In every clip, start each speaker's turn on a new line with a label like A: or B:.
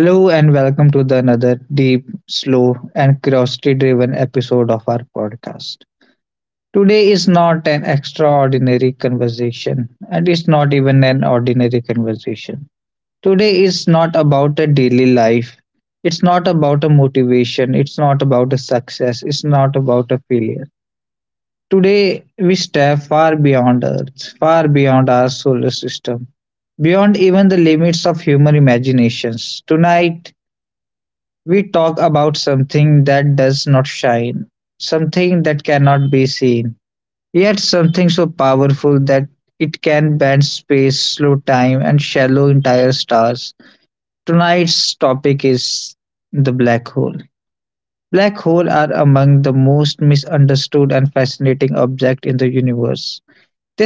A: Hello and welcome to the another deep, slow, and curiosity-driven episode of our podcast. Today is not an extraordinary conversation, and it's not even an ordinary conversation. Today is not about a daily life. It's not about a motivation. It's not about a success. It's not about a failure. Today we step far beyond Earth, far beyond our solar system, beyond even the limits of human imaginations. Tonight we talk about something that does not shine, something that cannot be seen, yet something so powerful that it can bend space, slow time, and shallow entire stars. Tonight's topic is the black hole. Black holes are among the most misunderstood and fascinating objects in the universe.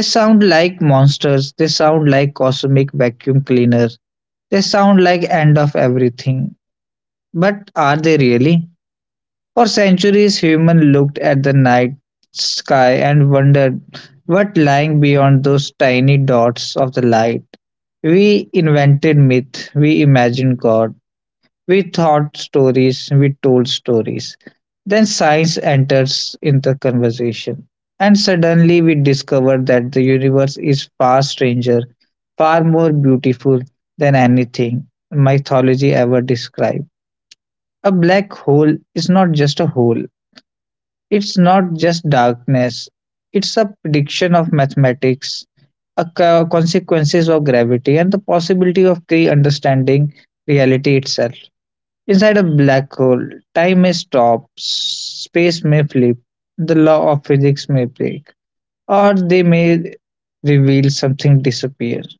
A: They sound like monsters, they sound like cosmic vacuum cleaners, they sound like end of everything. But are they really? For centuries, humans looked at the night sky and wondered what lying beyond those tiny dots of the light. We invented myth, we imagined God, we thought stories, we told stories. Then science enters in the conversation. And suddenly we discover that the universe is far stranger, far more beautiful than anything mythology ever described. A black hole is not just a hole, it's not just darkness, it's a prediction of mathematics, a consequences of gravity, and the possibility of pre understanding reality itself. Inside a black hole, time may stop, space may flip, the law of physics may break, or they may reveal something disappear.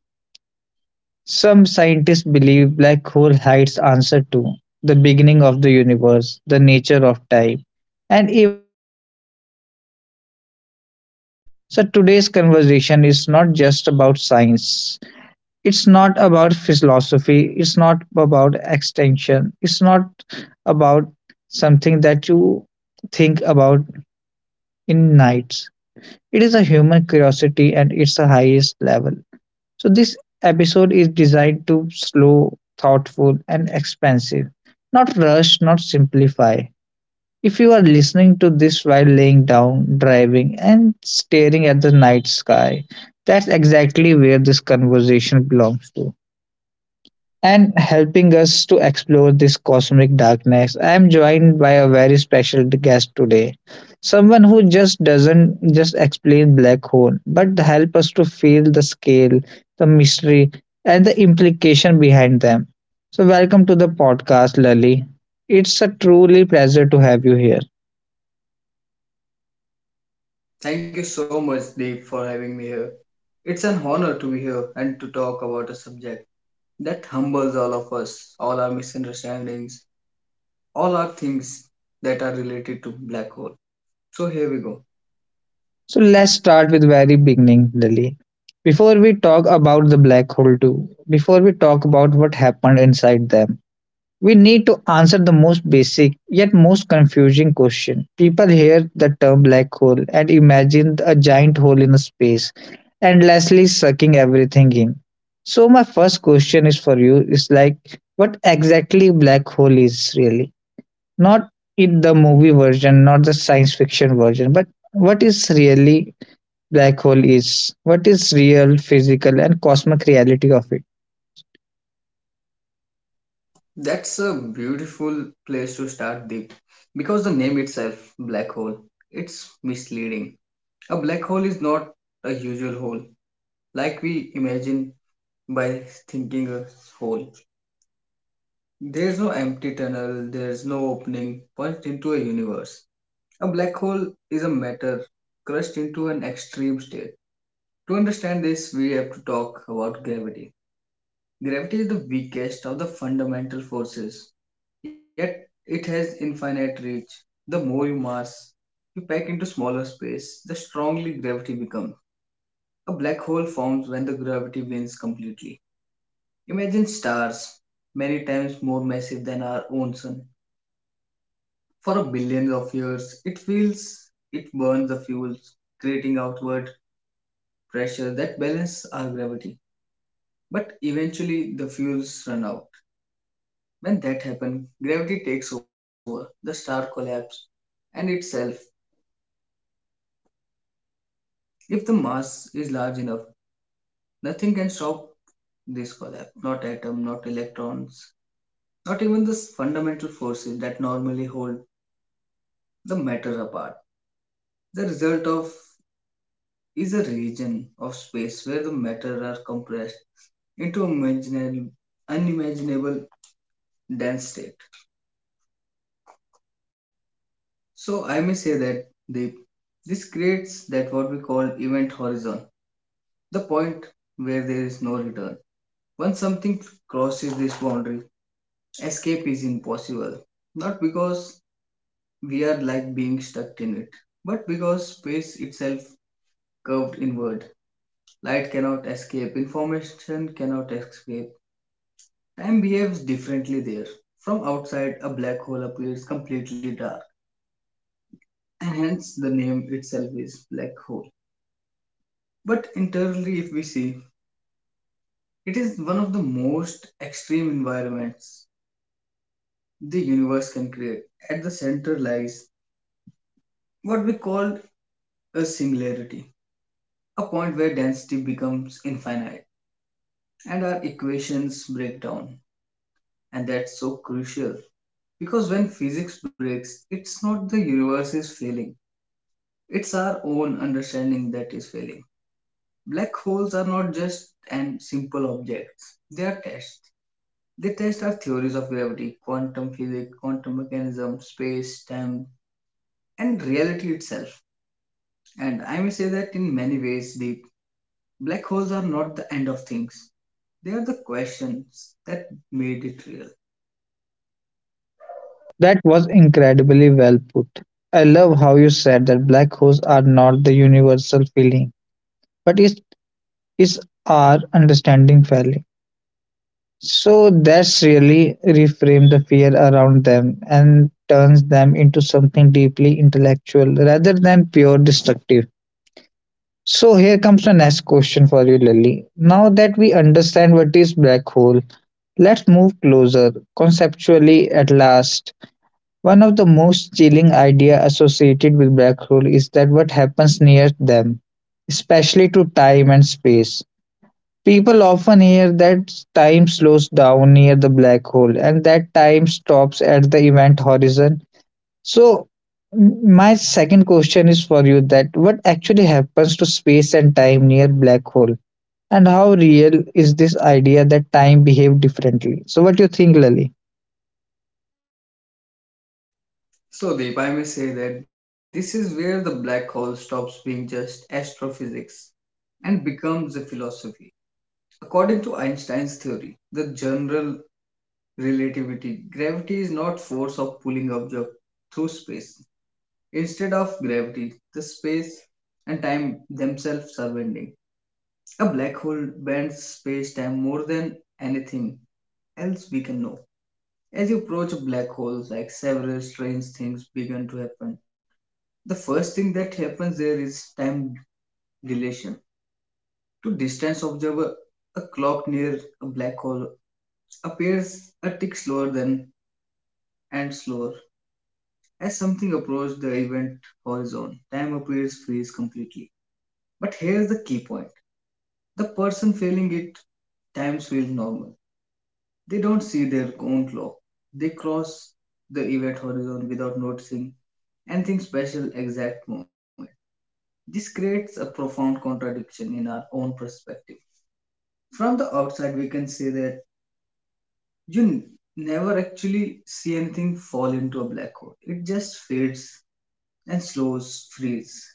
A: Some scientists believe black hole hides answer to the beginning of the universe, the nature of time, and even whether reality itself was simulation. So today's conversation is not just about science. It's not about philosophy. It's not about extension. It's not about something that you think about in nights. It is a human curiosity and it's the highest level. So, this episode is designed to slow, thoughtful, and expansive, not rush, not simplify. If you are listening to this while laying down, driving, and staring at the night sky, that's exactly where this conversation belongs to and helping us to explore this cosmic darkness. I am joined by a very special guest today, someone who just doesn't just explain black hole, but help us to feel the scale, the mystery, and the implication behind them. So, welcome to the podcast, Lali. It's a truly pleasure to have you here.
B: Thank you so much, Deep, for having me here. It's an honor to be here and to talk about a subject that humbles all of us, all our misunderstandings, all our things that are related to black hole. So here we go.
A: So, let's start with very beginning, Lali. Before we talk about the black hole too, before we talk about what happened inside them, we need to answer the most basic yet most confusing question. People hear the term black hole and imagine a giant hole in space, endlessly sucking everything in. So my first question is for you is like what exactly black hole is really? Not in the movie version, not the science fiction version, but what is really black hole is? What is real physical and cosmic reality of it?
B: That's a beautiful place to start, Deep, because the name itself, black hole, it's misleading. A black hole is not a usual hole like we imagine by thinking a hole. There's no empty tunnel, there's no opening, punched into a universe. A black hole is a matter crushed into an extreme state. To understand this, we have to talk about gravity. Gravity is the weakest of the fundamental forces, yet it has infinite reach. The more you mass you pack into smaller space, the strongly gravity becomes. A black hole forms when the gravity wins completely. Imagine stars, many times more massive than our own sun. For billions of years, it feels it burns the fuels, creating outward pressure that balance our gravity. But eventually, the fuels run out. When that happens, gravity takes over, the star collapses, and itself. If the mass is large enough, nothing can stop this collapse. Not atom, not electrons, not even the fundamental forces that normally hold the matter apart. The result of is a region of space where the matter are compressed into imaginable, unimaginable dense state. So I may say that they, this creates that what we call event horizon, the point where there is no return. Once something crosses this boundary, escape is impossible. Not because we are like being stuck in it, but because space itself curved inward. Light cannot escape, information cannot escape. Time behaves differently there. From outside, a black hole appears completely dark, and hence the name itself is black hole. But internally, if we see, it is one of the most extreme environments the universe can create. At the center lies what we call a singularity, a point where density becomes infinite and our equations break down. And that's so crucial because when physics breaks, it's not the universe is failing, it's our own understanding that is failing. Black holes are not just and simple objects. They are tests. They test our theories of gravity, quantum physics, quantum mechanism, space, time, and reality itself. And I may say that in many ways, Deep, black holes are not the end of things. They are the questions that made it real.
A: That was incredibly well put. I love how you said that black holes are not the universal feeling, but it's our understanding failing. So that's really reframed the fear around them and turns them into something deeply intellectual rather than pure destructive. So here comes the next question for you, Lily. Now that we understand what is black hole, let's move closer conceptually at last. One of the most chilling idea associated with black hole is that what happens near them, especially to time and space. People often hear that time slows down near the black hole and that time stops at the event horizon. So my second question is for you that what actually happens to space and time near black hole, and how real is this idea that time behave differently? So what do you think, Lali?
B: So, Deep, I may say that this is where the black hole stops being just astrophysics and becomes a philosophy. According to Einstein's theory, the general relativity. Gravity is not force of pulling object through space. Instead of gravity, the space and time themselves are bending. A black hole bends space-time more than anything else we can know. As you approach a black hole, like several strange things begin to happen. The first thing that happens there is time dilation. To distance observer, a clock near a black hole appears a tick slower than and slower. As something approaches the event horizon, time appears freeze completely. But here's the key point, the person feeling it, times feel normal. They don't see their own clock. They cross the event horizon without noticing anything special exact moment. This creates a profound contradiction in our own perspective. From the outside, we can say that you n- never actually see anything fall into a black hole. It just fades and slows freeze.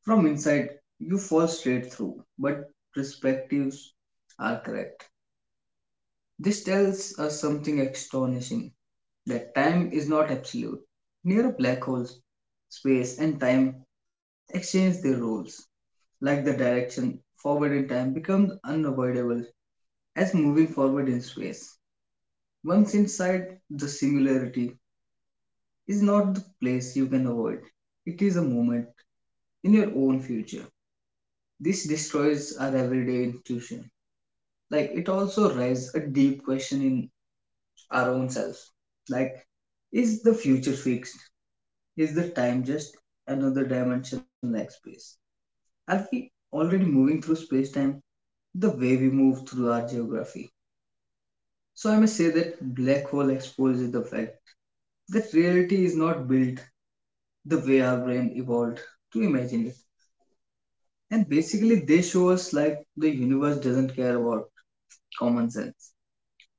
B: From inside, you fall straight through, but perspectives are correct. This tells us something astonishing that time is not absolute. Near a black hole, space and time exchange their roles, like the direction forward in time becomes unavoidable as moving forward in space. Once inside, the singularity is not the place you can avoid, it is a moment in your own future. This destroys our everyday intuition. Like it also raises a deep question in our own selves, like, is the future fixed, is the time just another dimension like space, are we already moving through space-time the way we move through our geography? So I may say that black hole exposes the fact that reality is not built the way our brain evolved to imagine it, and basically they show us like the universe doesn't care about common sense,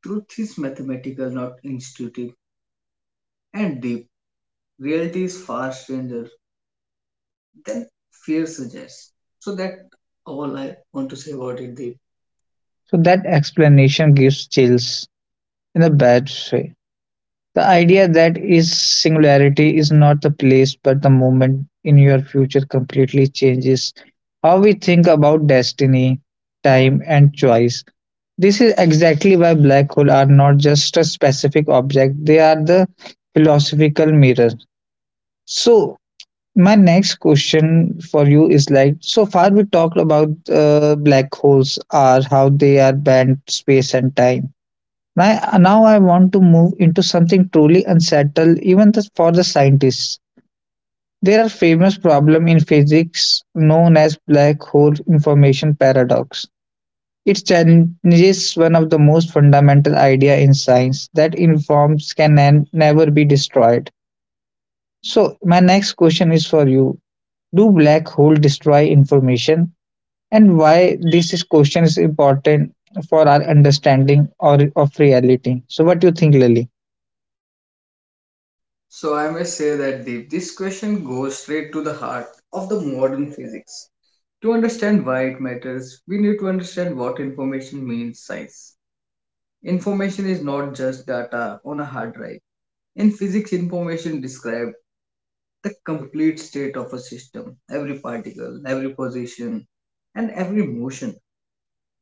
B: truth is mathematical not intuitive, and Deep, reality is far stranger than fear suggests. So that all I want to say about it, Deep.
A: So that explanation gives chills in a bad way. The idea that is singularity is not the place but the moment in your future completely changes how we think about destiny, time, and choice. This is exactly why black holes are not just a specific object, they are the philosophical mirror. So, my next question for you is like so far we talked about black holes are how they are bent space and time. Now I want to move into something truly unsettled even for the scientists. There are famous problem in physics known as black hole information paradox. It challenges one of the most fundamental idea in science that informs can never be destroyed. So my next question is for you. Do black hole destroy information and why this is question is important for our understanding or of reality? So what do you think, Lily?
B: So I may say that Deep, this question goes straight to the heart of the modern physics. To understand why it matters, we need to understand what information means science. Information is not just data on a hard drive. In physics, information describes the complete state of a system, every particle, every position, and every motion.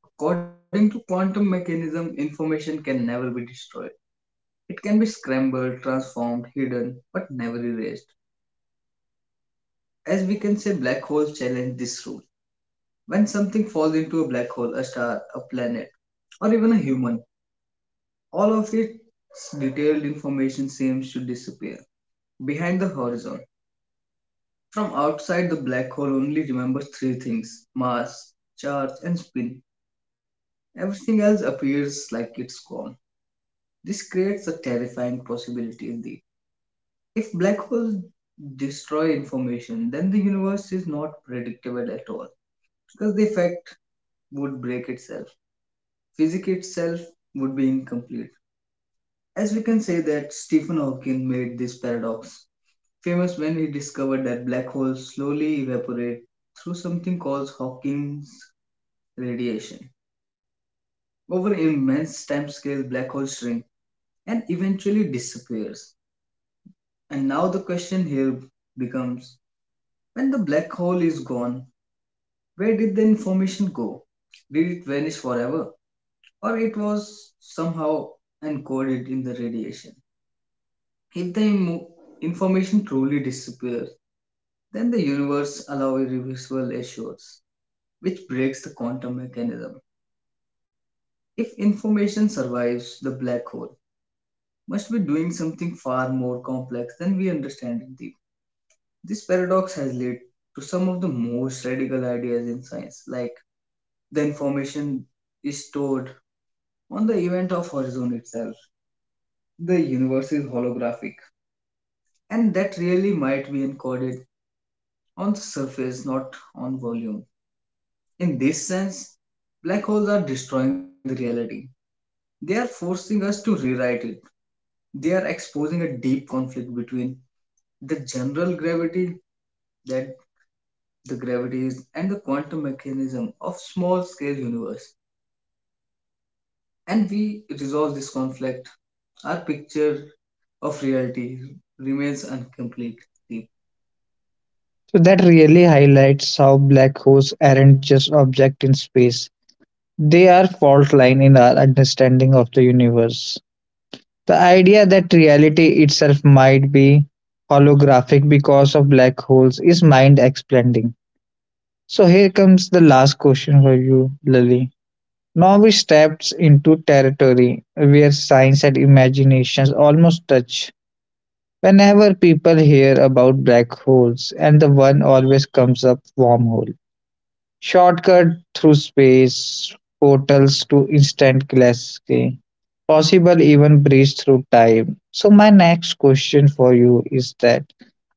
B: According to quantum mechanism, information can never be destroyed. It can be scrambled, transformed, hidden, but never erased. As we can say, black holes challenge this rule. When something falls into a black hole, a star, a planet, or even a human, all of its detailed information seems to disappear behind the horizon. From outside, the black hole only remembers three things: mass, charge, and spin. Everything else appears like it's gone. This creates a terrifying possibility in the. If black holes destroy information, then the universe is not predictable at all because the effect would break itself. Physics itself would be incomplete. As we can say that Stephen Hawking made this paradox famous when he discovered that black holes slowly evaporate through something called Hawking's radiation. Over immense time scale, black holes shrink and eventually disappears. And now the question here becomes, when the black hole is gone, where did the information go? Did it vanish forever? Or it was somehow encoded in the radiation? If the immo- information truly disappears, then the universe allows irreversible erasures, which breaks the quantum mechanism. If information survives, the black hole must be doing something far more complex than we understand it deep. This paradox has led to some of the most radical ideas in science, like the information is stored on the event of Horizon itself, the universe is holographic, and that really might be encoded on the surface, not on volume. In this sense, black holes are destroying the reality. They are forcing us to rewrite it. They are exposing a deep conflict between the general gravity that the gravity is and the quantum mechanism of small scale universe. And we resolve this conflict. Our picture of reality remains incomplete.
A: So that really highlights how black holes aren't just objects in space. They are fault line in our understanding of the universe. The idea that reality itself might be holographic because of black holes is mind expanding. So here comes the last question for you, Lily. Now we steps into territory where science and imaginations almost touch. Whenever people hear about black holes, and the one always comes up wormhole. Shortcut through space portals to instant classic. Possible even breach through time. So my next question for you is that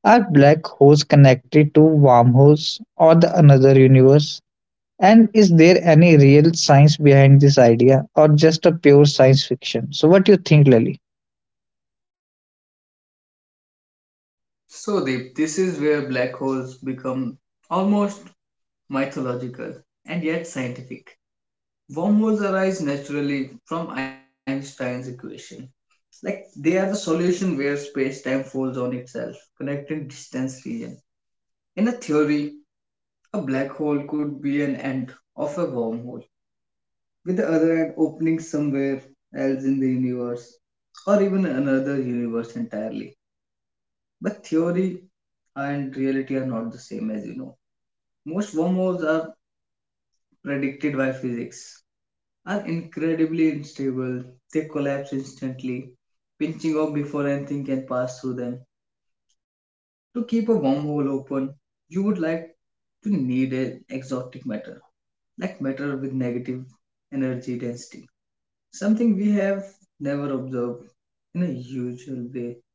A: are black holes connected to wormholes or the another universe? And is there any real science behind this idea or just a pure science fiction? So what do you think, Lily?
B: So, Deep, this is where black holes become almost mythological and yet scientific. Wormholes arise naturally from Einstein's equation. Like they are the solution where space-time folds on itself, connecting distance region. In a theory, a black hole could be an end of a wormhole, with the other end opening somewhere else in the universe, or even another universe entirely. But theory and reality are not the same, as you know. Most wormholes are predicted by physics, are incredibly unstable. They collapse instantly, pinching off before anything can pass through them. To keep a wormhole open, you would like to need an exotic matter, like matter with negative energy density, something we have never observed in a usual way.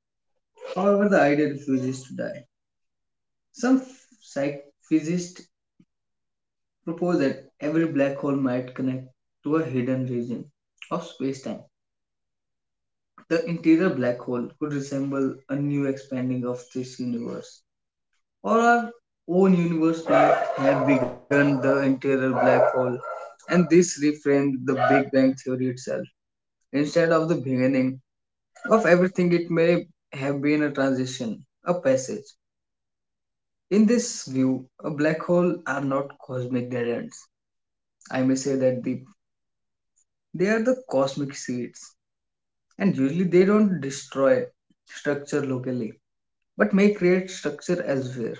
B: However, the idea refuses to die. Some psych physicists propose that every black hole might connect to a hidden region of space-time. The interior black hole could resemble a new expanding of this universe, or our own universe might have begun the interior black hole, and this reframed the Big Bang theory itself. Instead of the beginning of everything, it may have been a transition, a passage. In this view, a black hole are not cosmic dead ends. I may say that they are the cosmic seeds, and usually they don't destroy structure locally, but may create structure elsewhere.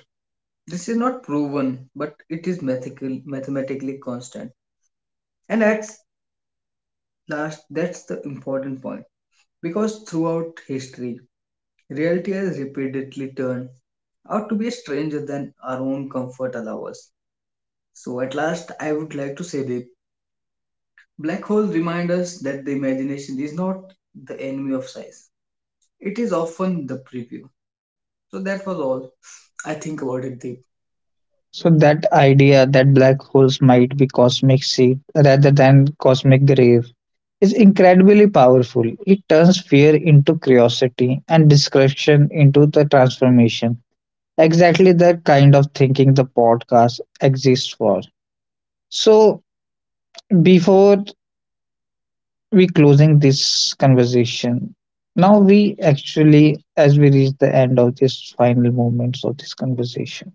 B: This is not proven, but it is mathematically constant. And at last, that's the important point, because throughout history, reality has repeatedly turned out to be stranger than our own comfort allows us. So at last, I would like to say that black holes remind us that the imagination is not the enemy of science. It is often the preview. So that was all I think about it, Deep.
A: So that idea that black holes might be cosmic seed rather than cosmic grave is incredibly powerful. It turns fear into curiosity and discretion into the transformation. Exactly the kind of thinking the podcast exists for. So before we closing this conversation, now we actually, as we reach the end of this final moments of this conversation,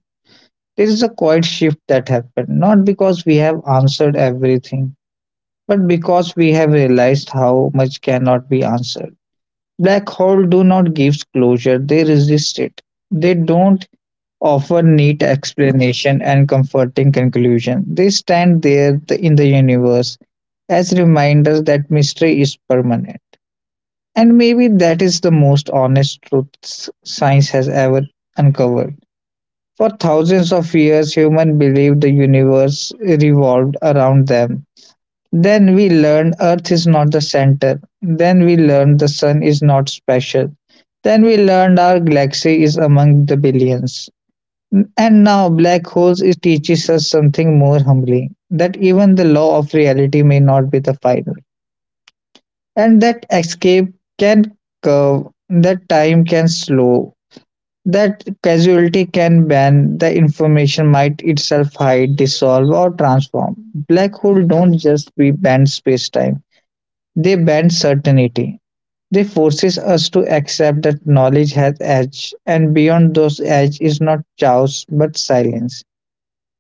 A: there is a quiet shift that happened, not because we have answered everything, but because we have realized how much cannot be answered. Black holes do not give closure, they resist it. They don't offer neat explanation and comforting conclusion. They stand there in the universe as reminders that mystery is permanent. And maybe that is the most honest truth science has ever uncovered. For thousands of years, humans believed the universe revolved around them. Then we learned Earth is not the center. Then we learned the sun is not special. Then we learned our galaxy is among the billions. And now black holes it teaches us something more humbling, that even the law of reality may not be the final. And that escape can curve, that time can slow, that casualty can bend, the information might itself hide, dissolve or transform. Black holes don't just bend space time, they ban certainty. They forces us to accept that knowledge has edge, and beyond those edge is not chaos but silence.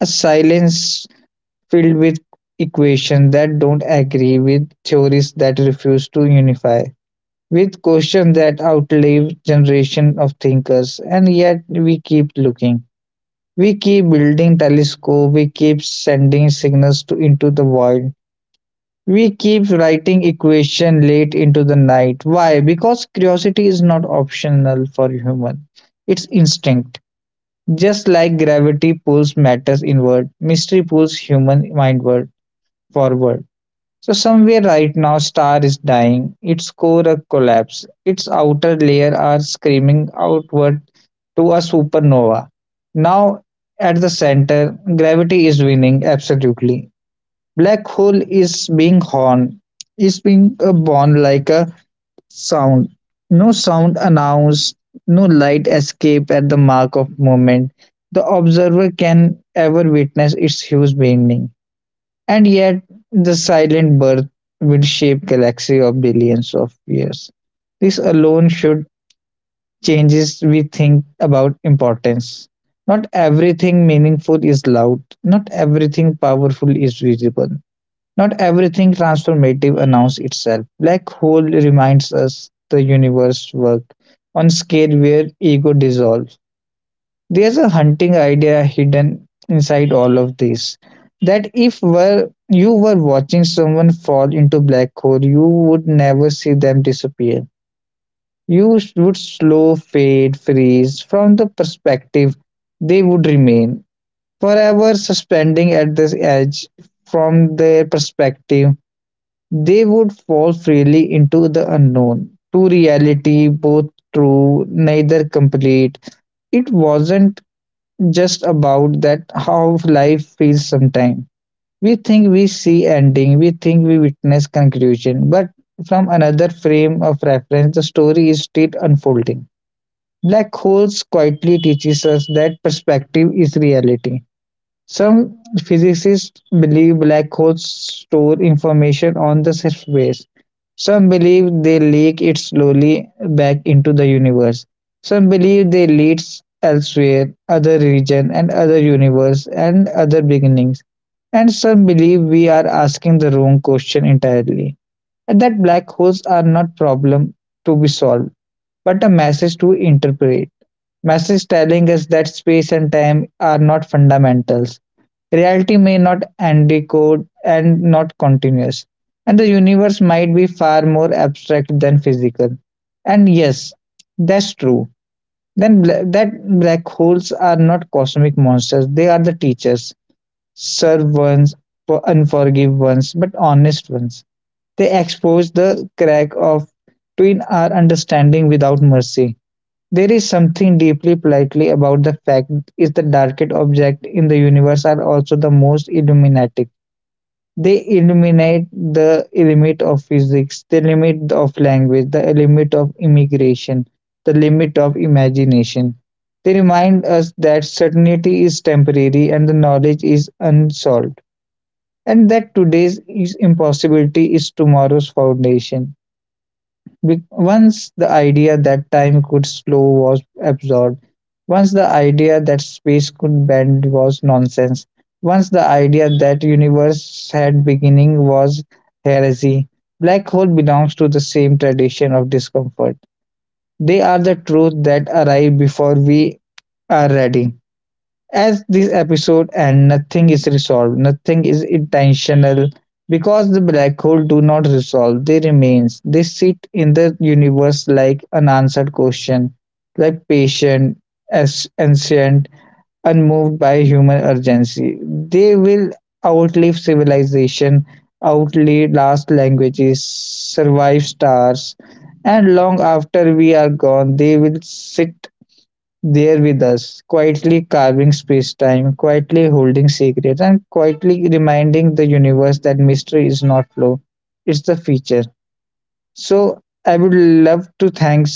A: A silence filled with equations that don't agree with theories that refuse to unify, with questions that outlive generation of thinkers, and yet we keep looking. We keep building telescope, we keep sending signals to into the void, we keep writing equation late into the night. Why? Because curiosity is not optional for human. It's instinct. Just like gravity pulls matters inward, mystery pulls human mindward forward. So somewhere right now star is dying, its core a collapse, its outer layer are screaming outward to a supernova. Now at the center, gravity is winning absolutely. Black hole is being horn, is being a born like a sound. No sound announced, no light escape at the mark of moment. The observer can ever witness its huge beginning. And yet the silent birth will shape galaxy of billions of years. This alone should changes we think about importance. Not everything meaningful is loud, not everything powerful is visible. Not everything transformative announces itself. Black hole reminds us the universe work on scale where ego dissolves. There's a hunting idea hidden inside all of this, that if were you were watching someone fall into black hole, you would never see them disappear. You would slow fade, freeze from the perspective they would remain forever suspending at this edge, from their perspective they would fall freely into the unknown, to reality both true, neither complete. It wasn't just about that how life feels sometimes. We think we see ending, we think we witness conclusion, but from another frame of reference, the story is still unfolding. Black holes quietly teaches us that perspective is reality. Some physicists believe black holes store information on the surface. Some believe they leak it slowly back into the universe. Some believe they leads elsewhere, other region and other universe and other beginnings. And some believe we are asking the wrong question entirely. And that black holes are not problem to be solved but a message to interpret. Message telling us that space and time are not fundamentals. Reality may not encode and not continuous, and the universe might be far more abstract than physical. And yes, that's true. Then bla- that black holes are not cosmic monsters; they are the teachers, serve ones, unforgive ones, but honest ones. They expose the crack of between our understanding without mercy. There is something deeply politely about the fact is the darkest objects in the universe are also the most illuminating. They illuminate the limit of physics, the limit of language, the limit of immigration, the limit of imagination. They remind us that certainty is temporary and the knowledge is unsolved, and that today's impossibility is tomorrow's foundation. Once the idea that time could slow was absorbed, once the idea that space could bend was nonsense, once the idea that universe had beginning was heresy, black hole belongs to the same tradition of discomfort. They are the truth that arrive before we are ready. As this episode and nothing is resolved, nothing is intentional, because the black hole do not resolve, they remains, they sit in the universe like unanswered question, like patient, as ancient, unmoved by human urgency. They will outlive civilization, outlive last languages, survive stars, and long after we are gone they will sit there with us, quietly carving space time, quietly holding secrets, and quietly reminding the universe that mystery is not flow, it's the feature. So, I would love to thank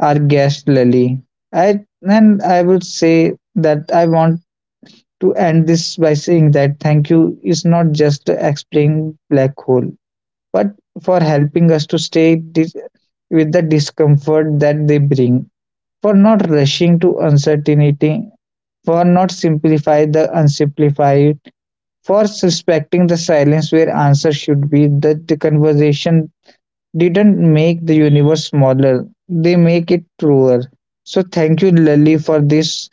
A: our guest Lali. I, and I would say that I want to end this by saying that thank you is not just explaining black hole, but for helping us to stay with the discomfort that they bring, for not rushing to uncertainty, for not simplify the unsimplified, for suspecting the silence where answer should be, that the conversation didn't make the universe smaller, they make it truer. So thank you, Lily, for this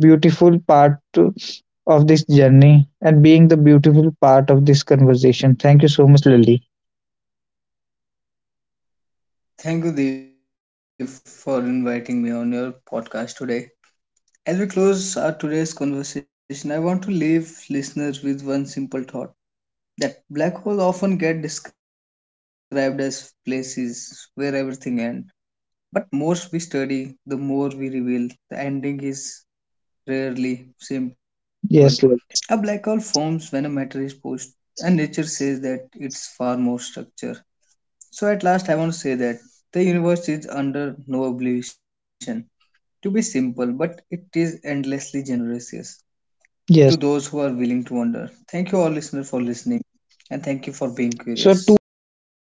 A: beautiful part of this journey and being the beautiful part of this conversation. Thank you so much, Lily.
B: Thank you, Deep, for inviting me on your podcast today. As we close our today's conversation, I want to leave listeners with one simple thought that black holes often get described as places where everything ends. But more we study, the more we reveal the ending is rarely simple. A black hole forms when a matter is
A: Yes, Lily.
B: pushed, and nature says that it's far more structure. So at last, I want to say that the universe is under no obligation to be simple, but it is endlessly generous, yes, to those who are willing to wonder. Thank you, all
A: Yes.
B: listeners, for listening, and thank you for being curious.
A: So to everyone